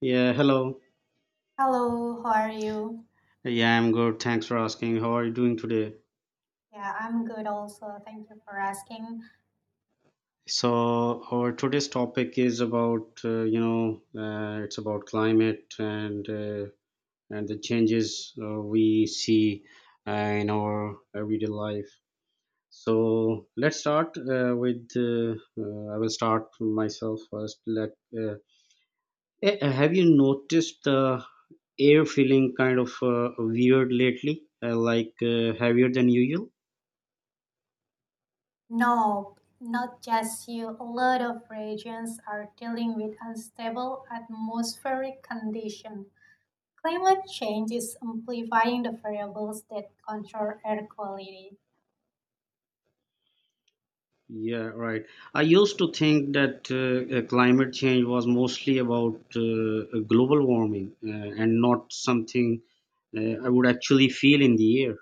Yeah, hello. Hello, how are you? Yeah, I'm good. Thanks for asking. How are you doing today? Yeah, I'm good also. Thank you for asking. So, our today's topic is about uh, you know uh, it's about climate and uh, and the changes uh, we see uh, in our everyday life. So let's start uh, with uh, uh, I will start from myself first. Let uh, eh, eh, have you noticed the air feeling kind of uh, weird lately, uh, like uh, heavier than usual? No, not just you. A lot of regions are dealing with unstable atmospheric condition. Climate change is amplifying the variables that control air quality. Yeah, right. I used to think that uh, uh, climate change was mostly about uh, uh, global warming uh, and not something uh, I would actually feel in the air.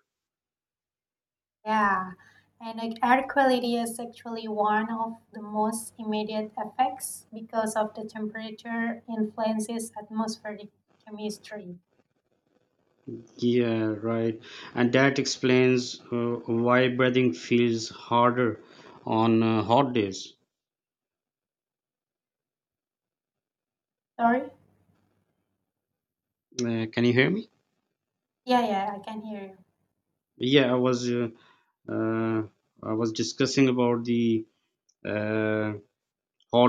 Yeah, and like air quality is actually one of the most immediate effects because of the temperature influences atmospheric chemistry. Yeah, right. And that explains uh, why breathing feels harder on uh, hot days. Sorry? Uh, can you hear me? Yeah, yeah, I can hear you. Yeah, I was uh, uh, I was discussing about the uh,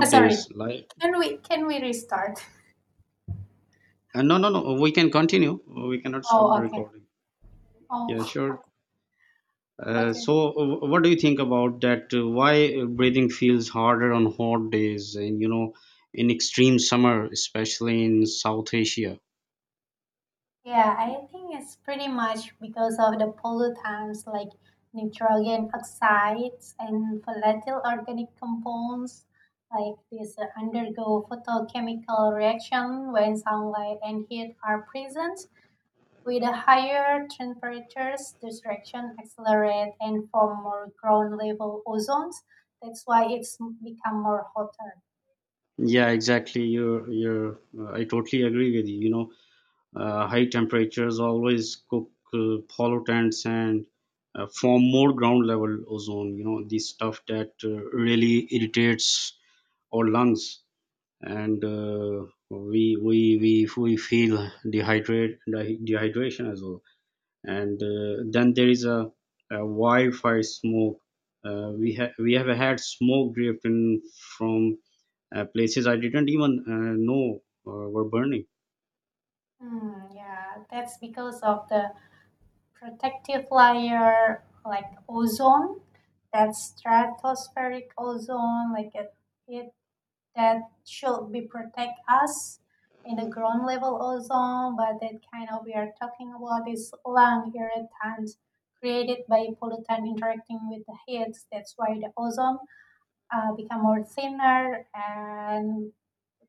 Uh, Sorry. days. Like, Can we can we restart? uh, no, no, no. We can continue. We cannot stop Oh, the okay. recording. Yeah, Oh, sure. Uh, okay. so, uh, what do you think about that? Uh, Why breathing feels harder on hot days and, you know, in extreme summer, especially in South Asia? Yeah, I think it's pretty much because of the pollutants like nitrogen oxides and volatile organic compounds like these uh, undergo photochemical reaction when sunlight and heat are present. With the higher temperatures, this reaction accelerate and form more ground level ozones. That's why it's become more hotter. Yeah, exactly. You're, you're, uh, I totally agree with you. You know, uh, high temperatures always cook uh, pollutants and uh, form more ground level ozone, you know, the stuff that uh, really irritates our lungs. And uh, we, we, we, we feel dehydrate, dehydration as well. and uh, then there is a, a wildfire smoke uh, we have we have had smoke drifting from uh, places i didn't even uh, know uh, were burning Hmm. yeah, that's because of the protective layer like ozone, that stratospheric ozone, like it, it that should be protect us in the ground level ozone, but that kind of we are talking about is lung irritant created by pollutant interacting with the heat. That's why the ozone uh, become more thinner and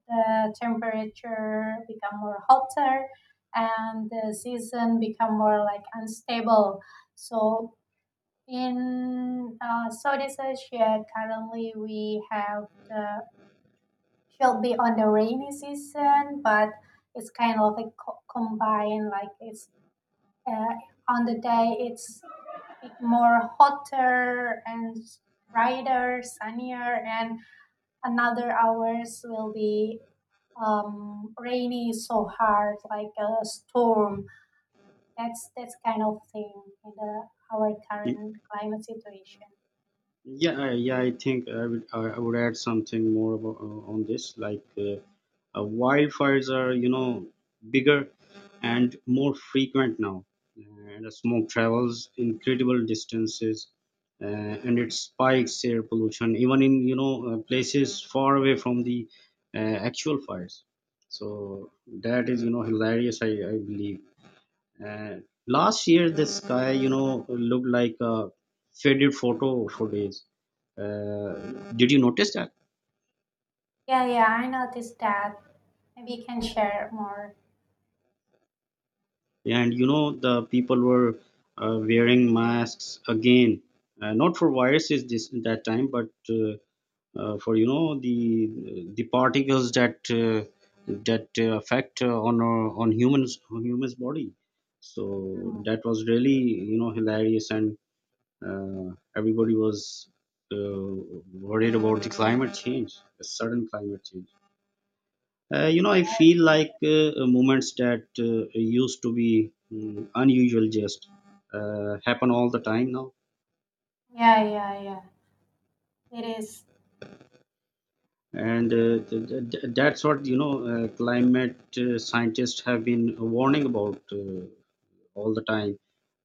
the temperature become more hotter and the season become more like unstable. So in uh, Southeast Asia, currently we have the should be on the rainy season, but it's kind of like co- combined, like it's uh, on the day it's more hotter and brighter, sunnier, and Another hours will be um, rainy so hard, like a storm. That's that's kind of thing in the, our current climate situation. yeah I- yeah i think i would i I would add something more about, uh, on this like uh, uh, wildfires are you know bigger and more frequent now and the smoke travels incredible distances uh, and it spikes air pollution even in you know uh, places far away from the uh, actual fires so that is you know hilarious i, I believe uh, last year the sky you know looked like a faded photo for days uh, did you notice that Yeah, yeah, I noticed that. Maybe you can share more. and you know the people were uh, wearing masks again uh, not for viruses this that time but uh, uh, for you know the the particles that uh, that uh, affect uh, on our- on humans on humans body so Mhm. that was really you know hilarious and uh, everybody was uh, worried about the climate change the sudden climate change uh, you know, I feel like uh, uh, moments that uh, used to be mm, unusual just uh, happen all the time now. Yeah, yeah, yeah. It is. And uh, th- th- th- that's what, you know, uh, climate uh, scientists have been warning about uh, all the time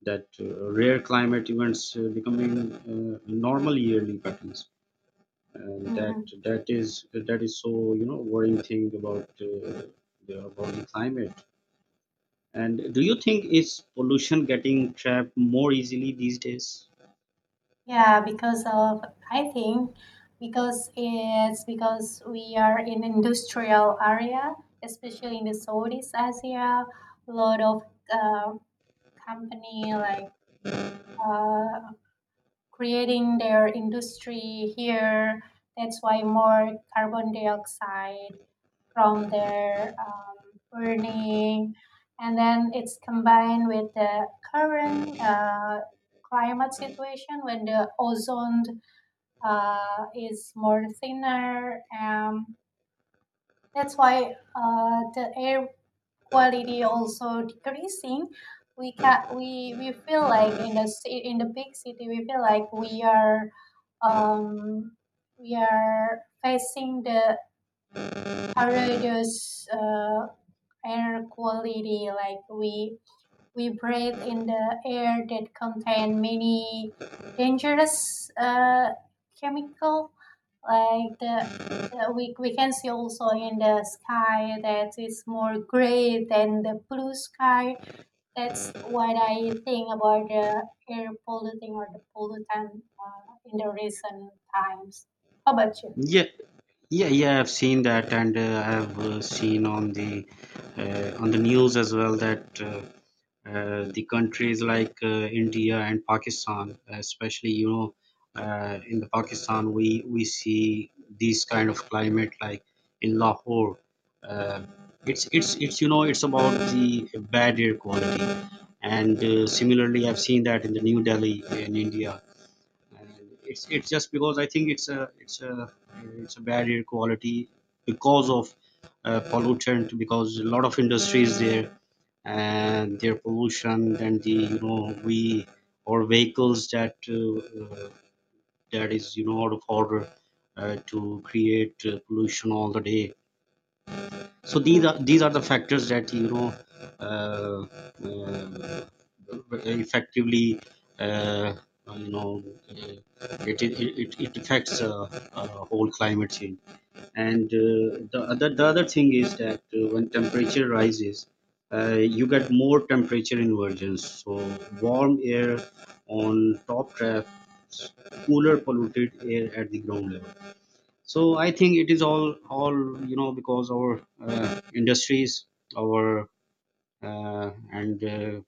that uh, rare climate events uh, becoming uh, normal yearly patterns. And that Mm-hmm. that is that is so you know worrying thing about uh, the, about the climate And do you think is pollution getting trapped more easily these days? Yeah, because of I think because it's because we are in industrial area, especially in the Southeast Asia, a lot of uh, company like uh, creating their industry here. That's why more carbon dioxide from their um, burning, and then it's combined with the current uh, climate situation when the ozone uh, is more thinner. Um, that's why uh, the air quality also decreasing we can we we feel like in the ci- in the big city we feel like we are um we are facing the horrendous uh, air quality like we we breathe in the air that contain many dangerous uh, chemical like the, the we, we can see also in the sky that is more gray than the blue sky. That's what I think about the air polluting or the pollutant uh, in the recent times. How about you? Yeah, yeah, yeah. I've seen that, and uh, I've uh, seen on the uh, on the news as well that uh, uh, the countries like uh, India and Pakistan, especially you know, uh, in the Pakistan we we see these kind of climate like in Lahore. Uh, it's it's it's you know it's about the bad air quality, and uh, similarly I've seen that in the New Delhi in India and it's it's just because I think it's a it's a it's a bad air quality because of uh, pollutant because a lot of industries there and their pollution and the you know we or vehicles that uh, uh, that is you know out of order uh, to create uh, pollution all the day so these Mm, are these are the factors that you know uh, uh, effectively uh, you know uh, it, it, it, it affects uh, uh, whole climate change and uh, the other the other thing is that uh, when temperature rises uh, you get more temperature inversions so warm air on top traps cooler polluted air at the ground level so i think it is all all you know because our uh, industries our uh, and uh,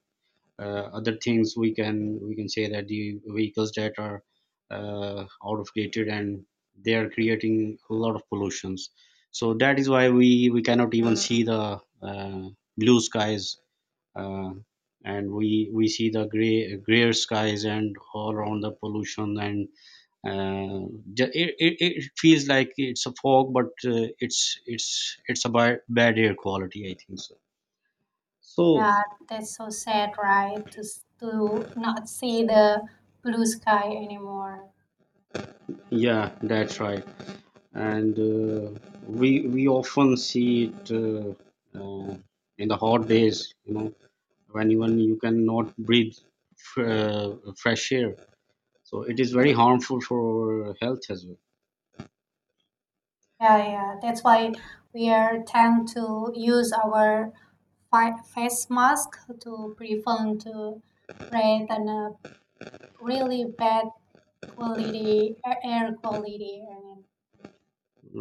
uh, other things we can we can say that the vehicles that are uh, out of dated and they are creating a lot of pollutions so that is why we we cannot even see the uh, blue skies uh, and we we see the gray grayer skies and all around the pollution and uh, ju- it, it, it feels like it's a fog but uh, it's it's it's a bad, bad air quality i think so so yeah, that's so sad, right? To s- to not see the blue sky anymore. yeah that's right and uh, we we often see it uh, uh, in the hot days you know when even you cannot breathe f- uh, fresh air so it Mhm. is very harmful for health as well Yeah, yeah. That's why we are tend to use our fi- face mask to prevent to breathe and uh, really bad quality air air quality. I mean,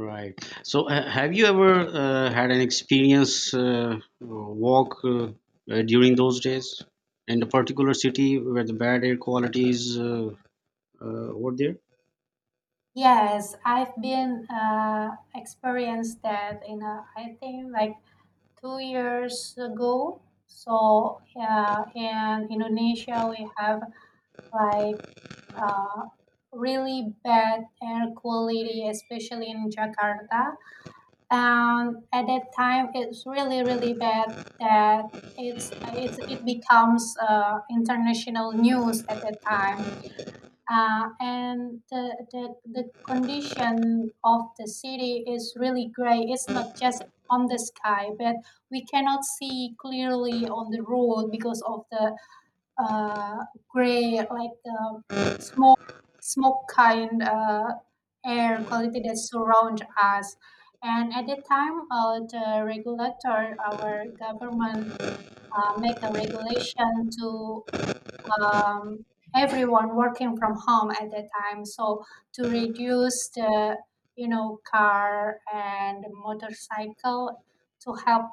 Right. So, uh, have you ever uh, had an experience uh, walk uh, uh, during those days in the particular city where the bad air quality is uh, uh, over there? yes, I've been uh, experienced that in uh, I think like two years ago. So yeah, in Indonesia we have like uh, really bad air quality, especially in Jakarta and at that time it's really really bad that it's it's it becomes uh, international news at that time uh, and the, the the condition of the city is really gray it's not just on the sky but we cannot see clearly on the road because of the uh, gray, like um, smoke, smoke kind uh, air quality that surround us. And at that time, uh, the regulator, our government, uh, make a regulation to um, everyone working from home at that time. So to reduce the you know car and motorcycle to help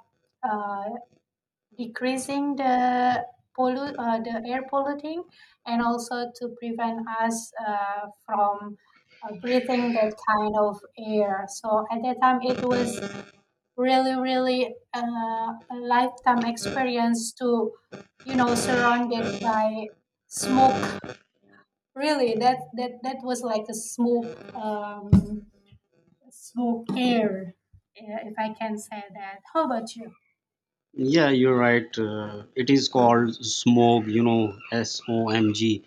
uh, decreasing the pollu- uh, the air polluting and also to prevent us uh, from uh, breathing that kind of air. So at that time, it was really, really uh, a lifetime experience to, you know, surrounded by smoke. Really, that that that was like a smoke, um, smoke air, yeah, if I can say that. How about you? Yeah, you're right. Uh, it is called SMOG, you know, S O M G,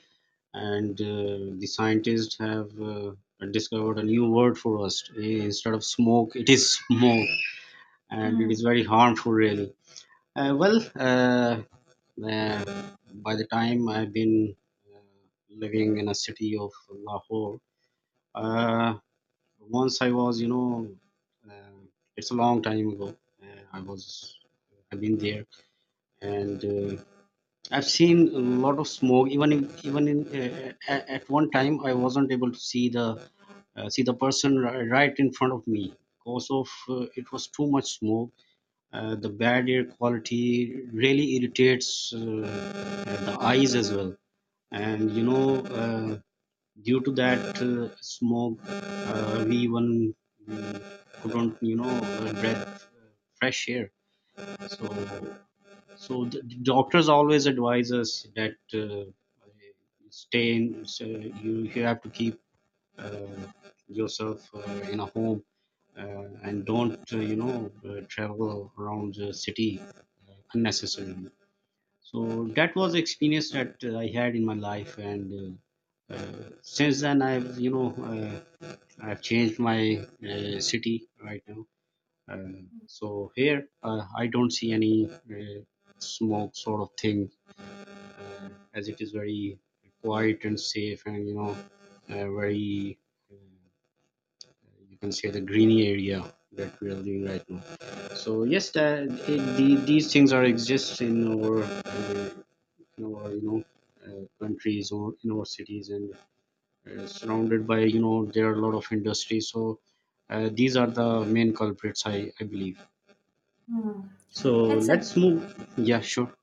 and uh, the scientists have uh, discovered a new word for us. Instead of smoke, it is smoke, and it is Hmm. very harmful, really. Uh, well, uh, Uh, by the time I've been uh, living in a city of Lahore, uh, once I was, you know, uh, it's a long time ago. Uh, I was, I've been there, and uh, I've seen a lot of smoke. Even in, even in uh, at, at one time, I wasn't able to see the uh, see the person ri- right in front of me because of uh, it was too much smoke. Uh, the bad air quality really irritates uh, the eyes as well and you know uh, due to that uh, smoke uh, we even mm, couldn't you know uh, breath uh, fresh air so so the the doctors always advise us that uh, stay in so you, you have to keep uh, yourself uh, in a home uh, and don't uh, you know uh, travel around the city unnecessarily so that was the experience that uh, i had in my life and uh, uh, since then i've you know uh, i've changed my uh, city right now uh, so here uh, i don't see any uh, smoke sort of thing uh, as it is very quiet and safe and you know uh, very uh, you can say the greeny area that we are living right now so yes, that, it, the, these things are exist in our uh, in our you know uh, countries or in our cities and uh, surrounded by you know there are a lot of industries so uh, these are the main culprits i i believe Hmm. Hmm. so That's a let's move yeah sure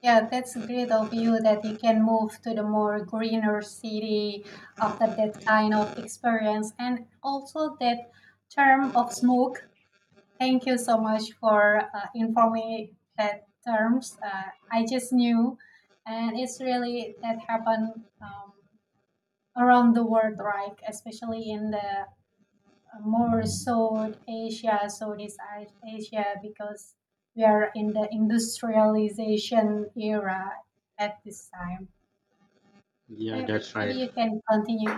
Yeah, that's great of you that you can move to the more greener city after that kind of experience. And also that term of smoke. Thank you so much for uh, informing that terms. Uh, I just knew, and it's really that happened um, around the world, right? Especially in the more South Asia, Southeast As- Asia, because we are in the industrialization era at this time. yeah Eh, that's Maybe right you can continue.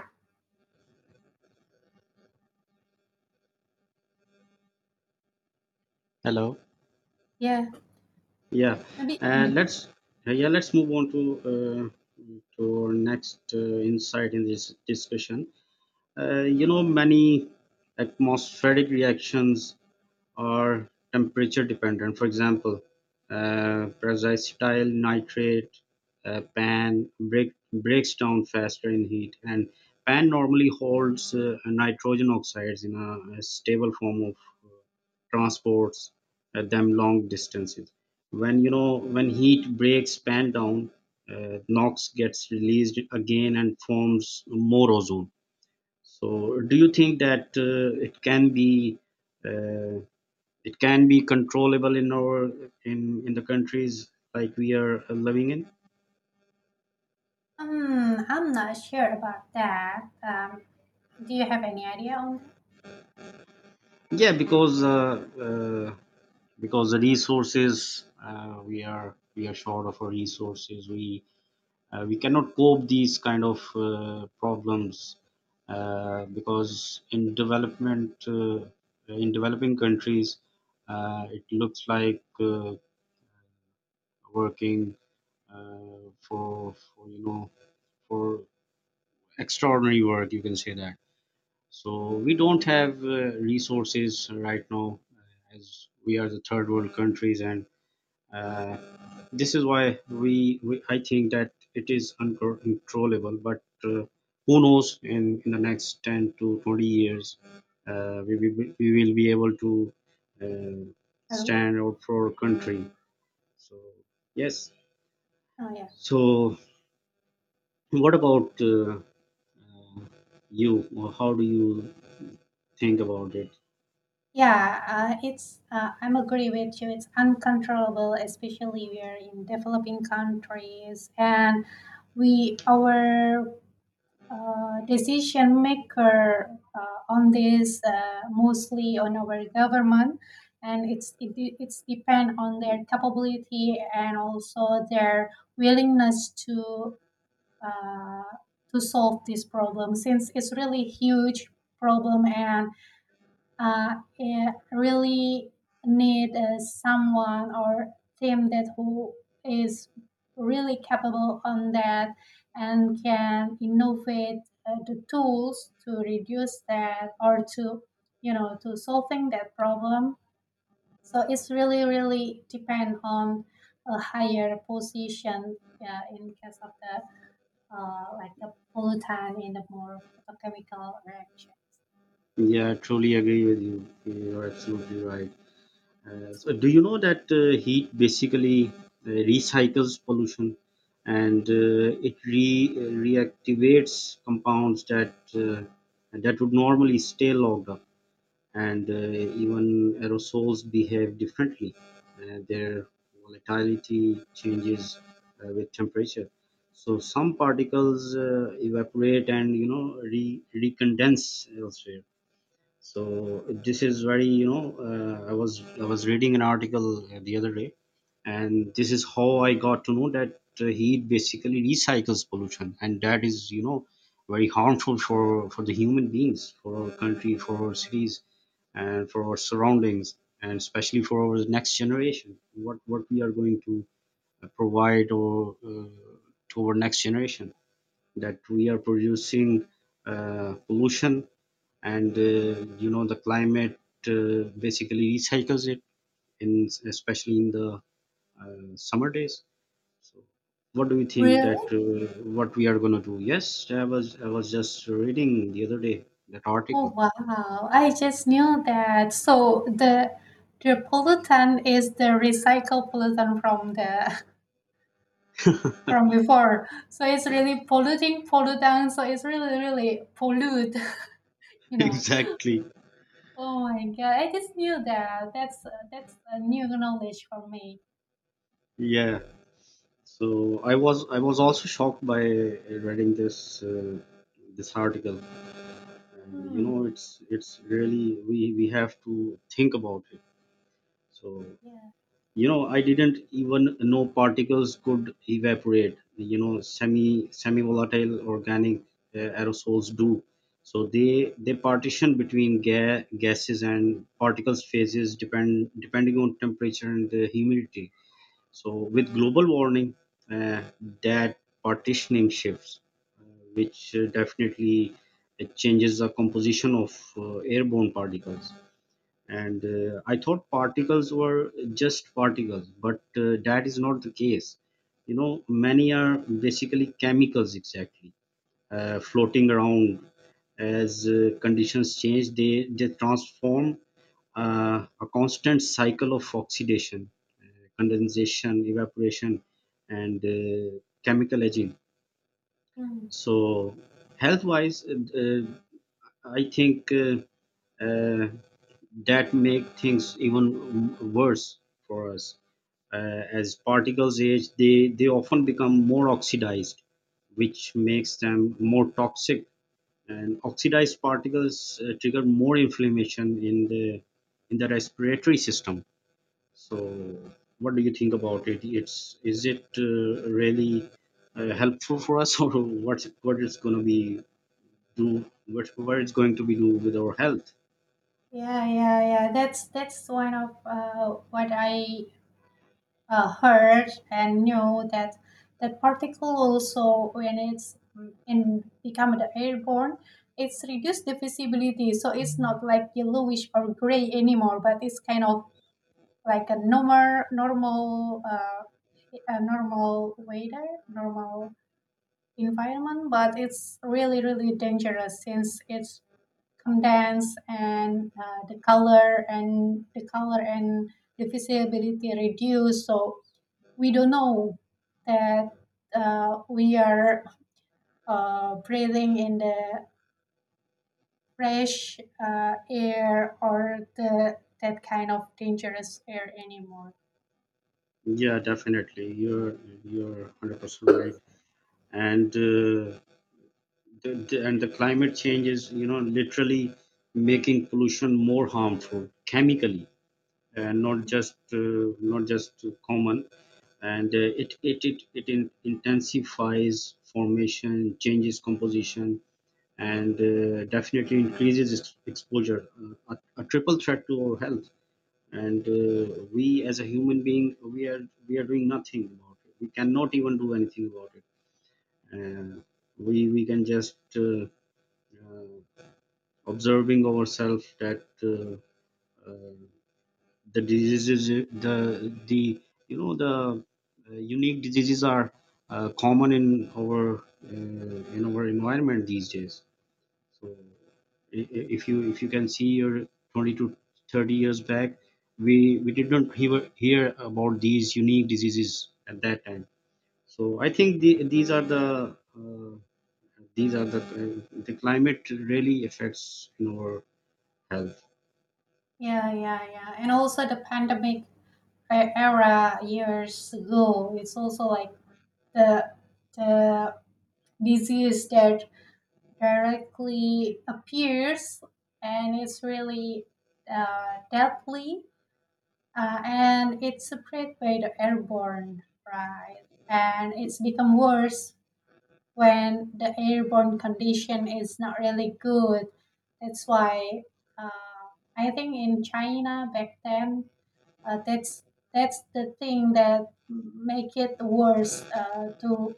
hello Yeah, yeah maybe. uh, mm. let's uh, yeah let's move on to uh, to our next uh, insight in this discussion uh, you know many atmospheric reactions are temperature dependent. For example, uh, pyracetyl nitrate uh, pan break, breaks down faster in heat, and pan normally holds uh, nitrogen oxides in a, a stable form of uh, transports uh, them long distances. When you know when heat breaks pan down, uh, NOx gets released again and forms more ozone. So, do you think that uh, it can be uh, it can be controllable in our in in the countries like we are living in Um, I'm not sure about that. Um, do you have any idea on that? yeah because uh, uh, because the resources uh, we are we are short of our resources we uh, we cannot cope these kind of uh, problems uh, because in development uh, in developing countries uh, it looks like uh, working uh, for, for you know for extraordinary work you can say that So we don't have uh, resources right now uh, as we are the third world countries and uh, this is why we, we I think that it is uncontrollable but uh, who knows in, in the next 10 to 20 years uh, we, we, will- we will be able to uh, Hello? stand out for our country so yes Oh, yeah. so what about uh, uh, you how do you think about it Yeah, uh, it's. Uh, I'm agree with you. It's uncontrollable, especially we are in developing countries, and we our uh, decision maker uh, on this uh, mostly on our government and it's it, de- it's depend on their capability and also their willingness to uh, to solve this problem since it's really huge problem and uh, eh, really need uh, someone or team that who is really capable on that and can innovate uh, the tools to reduce that or to you know to solving that problem so it's really really depend on a higher position yeah, in case of the uh, like the pollutant in the more chemical reaction Yeah, I truly agree with you. You're absolutely right. Uh, so, do you know that uh, heat basically uh, recycles pollution and uh, it re- reactivates compounds that uh, that would normally stay locked up, and uh, even aerosols behave differently. Uh, their volatility changes uh, with temperature. So some particles uh, evaporate and you know re- recondense elsewhere so this is very you know uh, i was i was reading an article uh, the other day and this is how i got to know that uh, heat basically recycles pollution and that is you know very harmful for for the human beings for our country for our cities and for our surroundings and especially for our next generation what what we are going to uh, provide or uh, to our next generation that we are producing uh, pollution and uh, you know the climate uh, basically recycles it in especially in the uh, summer days so what do you think that uh, what we are going to do yes i was i was just reading the other day that Oh article wow, I just knew that. So the the pollutant is the recycled pollutant from the from before. So it's really polluting pollutant, so it's really really pollute, you know. exactly Oh my god, I just knew that. That's uh, that's a new knowledge for me. yeah so i was i was also shocked by reading this uh, this article and you know Hmm. it's it's really we we have to think about it so Yeah. you know i didn't even know particles could evaporate you know semi semi volatile organic uh, aerosols do so they they partition between ga- gases and particles phases depend depending on temperature and the humidity so with global warming uh, that partitioning shifts uh, which uh, definitely uh, changes the composition of uh, airborne particles and Hmm. uh, i thought particles were just particles but uh, that is not the case you know many are basically chemicals exactly uh, floating around as uh, conditions change they they transform uh, a constant cycle of oxidation uh, condensation evaporation and uh, chemical aging Hmm. so health wise uh, i think uh, uh, that make things even worse for us. Uh, as particles age, they, they often become more oxidized, which makes them more toxic. And oxidized particles uh, trigger more inflammation in the in the respiratory system. So, what do you think about it? It's is it uh, really uh, helpful for us, or what what it's going to be do what what it's going to be do with our health? Yeah, yeah, yeah. That's that's one of uh, what I uh, heard and knew that that particle also when it's mm, in become the airborne it's reduced the visibility so it's not like yellowish or gray anymore but it's kind of like a normal normal uh, a normal weather normal environment but it's really really dangerous since it's condensed and uh, the color and the color and the visibility reduced so we don't know that uh, we are uh, breathing in the fresh uh, air or the that kind of dangerous air anymore. Yeah, definitely. You're you're 100% right. And uh, the, the- and the climate change is, you know, literally making pollution more harmful chemically, and not just uh, not just common. And uh, it it it it in, intensifies formation, changes composition, and uh, definitely increases ex- exposure. Uh, a, a triple threat to our health and uh, we as a human being we are we are doing nothing about it we cannot even do anything about it uh, we we can just uh, uh, observing ourselves that uh, uh, the diseases the the you know the uh, unique diseases are uh, common in our uh, in our environment these days So i- i- if you if you can see your 20 to 30 years back, we we did not hear hear about these unique diseases at that time. So I think the, these are the uh, these are the the climate really affects in our health. Yeah, yeah, yeah. And also the pandemic e- era years ago, it's also like the the disease that directly appears and it's really uh, deadly Uh, and it's spread by the airborne, right? And it's become worse when the airborne condition is not really good. That's why uh, I think in China back then, uh, that's that's the thing that make it worse uh, to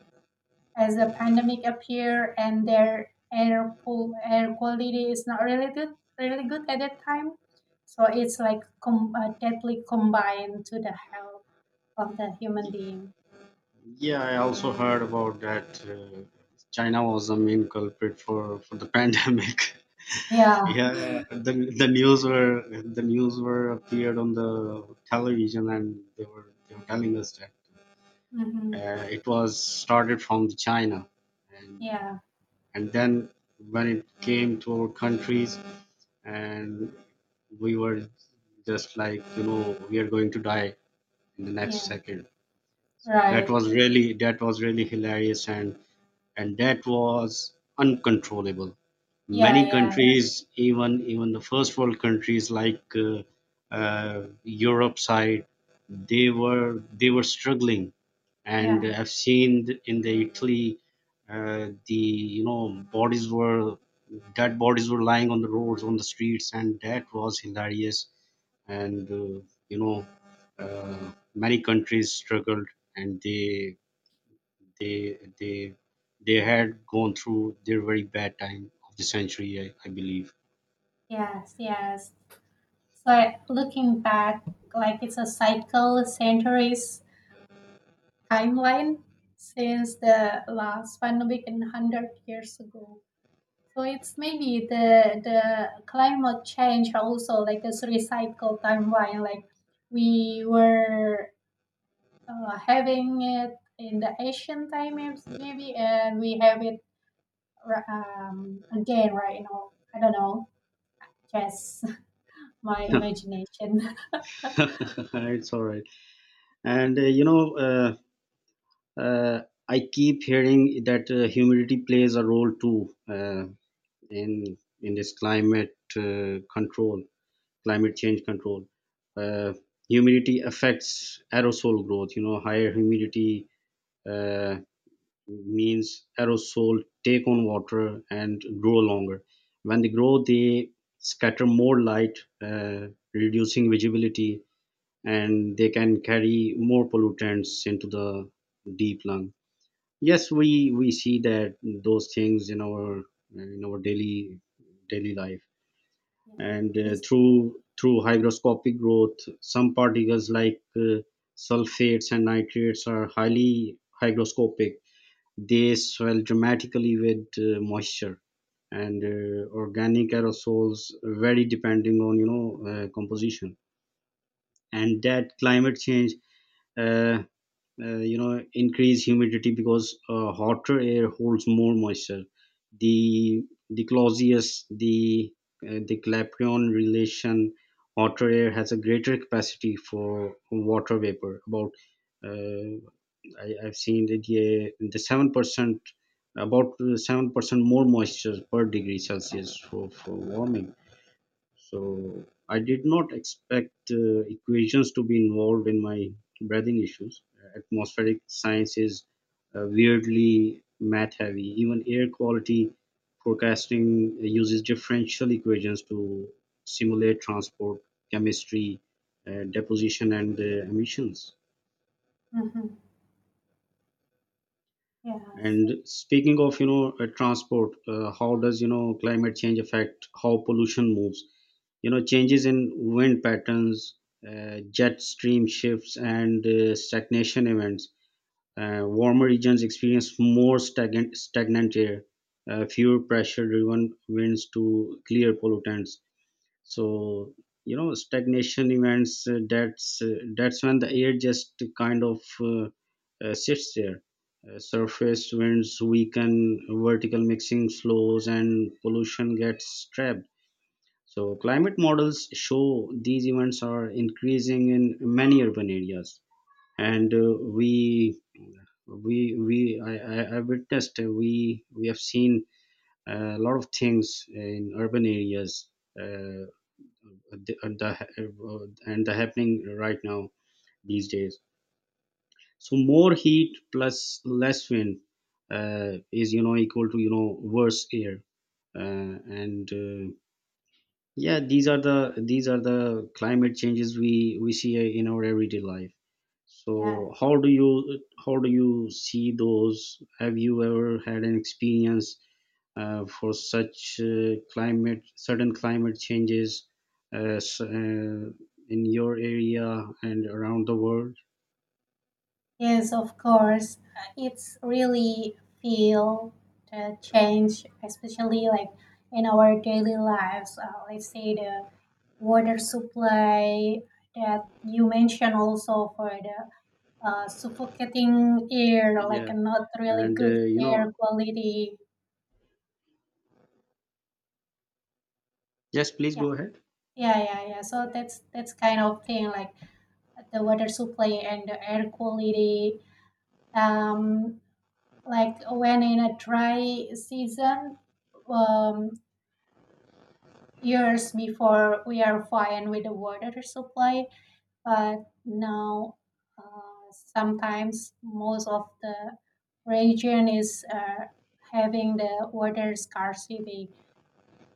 as the pandemic appeared and their air pool air quality is not really good really good at that time so it's like com- uh, deadly combined to the health of the human being Yeah, I also heard about that uh, China was the main culprit for for the pandemic. yeah Yeah, the the news were the news were appeared on the television, and they were they were telling us that mm-hmm. uh, it was started from the China, and uh, yeah and then when it came to our countries, and we were just like you know we are going to die in the next yeah second. So that right was really that was really hilarious and and that was uncontrollable. yeah Many yeah countries, even even the first world countries like uh, uh, Europe side, they were they were struggling, and yeah I've seen th- in the Italy, uh, the you know bodies were dead bodies were lying on the roads on the streets, and that was hilarious and uh, you know uh, many countries struggled and they they they they had gone through their very bad time of the century, I, I believe. yes yes so I- looking back like it's a cycle centuries timeline since the last pandemic and 100 years ago So it's maybe the the climate change also like this recycle timeline. Like we were uh, having it in the Asian time is- maybe, and we have it r- um, again right now. I don't know. Just my imagination. it's all right. And uh, you know, uh, uh, I keep hearing that uh, humidity plays a role too uh, in in this climate uh, control, climate change control. Uh, humidity affects aerosol growth. You know, higher humidity. Uh, means aerosol take on water and grow longer. When they grow, they scatter more light, uh, reducing visibility, and they can carry more pollutants into the deep lung. Yes, we we see that those things in our in our daily daily life, and uh, It's through through hygroscopic growth, some particles like uh, sulfates and nitrates are highly hygroscopic they swell dramatically with uh, moisture and uh, organic aerosols vary depending on you know uh, composition and that climate change uh, uh, you know increase humidity because uh, hotter air holds more moisture the the clausius the uh, the clapeyron relation hotter air has a greater capacity for water vapor about uh, I, I've seen that yeah, the seven percent, about seven percent more moisture per degree Celsius for, for warming. So I did not expect uh, equations to be involved in my breathing issues. Atmospheric science is uh, weirdly math heavy. Even air quality forecasting uses differential equations to simulate transport, chemistry, uh, deposition, and uh, emissions. mhm, yes, And speaking of, you know, uh, transport, uh, how does, you know, climate change affect how pollution moves? You know, changes in wind patterns, uh, jet stream shifts, and uh, stagnation events. Uh, warmer regions experience more stagnant, stagnant air, uh, fewer pressure driven winds to clear pollutants so you know stagnation events uh, that's uh, that's when the air just kind of uh, uh, sits there uh, surface winds weaken vertical mixing slows, and pollution gets trapped so climate models show these events are increasing in many urban areas and uh, we we we I, I, I witnessed uh, we we have seen uh, a lot of things in urban areas Uh, the, uh, the uh, and the happening right now these days so more heat plus less wind uh, is you know equal to you know worse air uh, and uh, yeah these are the these are the climate changes we we see in our everyday life yeah. so how do you how do you see those have you ever had an experience uh, for such uh, climate sudden climate changes uh, s- uh, in your area and around the world Yes, of course. Uh, It's really feel the change, especially like in our daily lives. Uh, let's say the water supply that you mentioned also for the uh, suffocating air, like a yeah not really and good uh, you know air quality. yes please Yeah, go ahead yeah, yeah, yeah. So that's that's kind of thing like the water supply and the air quality. Um, like when in a dry season um, years before we are fine with the water supply but now uh, sometimes most of the region is uh, having the water scarcity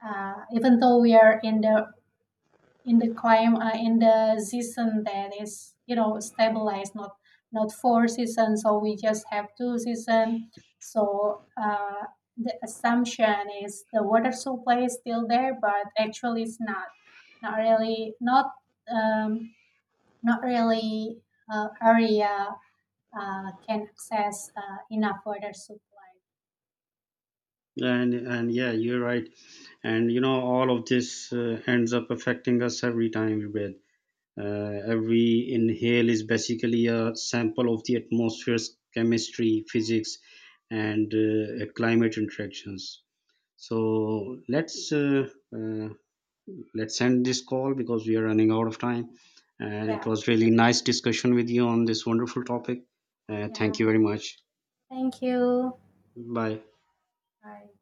uh, even though we are in the in the climate uh, in the season that is you know stabilized not not four seasons so we just have two season so uh, the assumption is the water supply is still there but actually it's not not really not um, not really uh, area uh, can access uh, enough water supply and and yeah you're right and you know all of this uh, ends up affecting us every time we breathe Uh, every inhale is basically a sample of the atmosphere's chemistry, physics, and uh, uh, climate interactions. So let's uh, uh, let's end this call because we are running out of time. And it yeah was really nice discussion with you on this wonderful topic. Uh, thank yeah you very much. thank you Bye. bye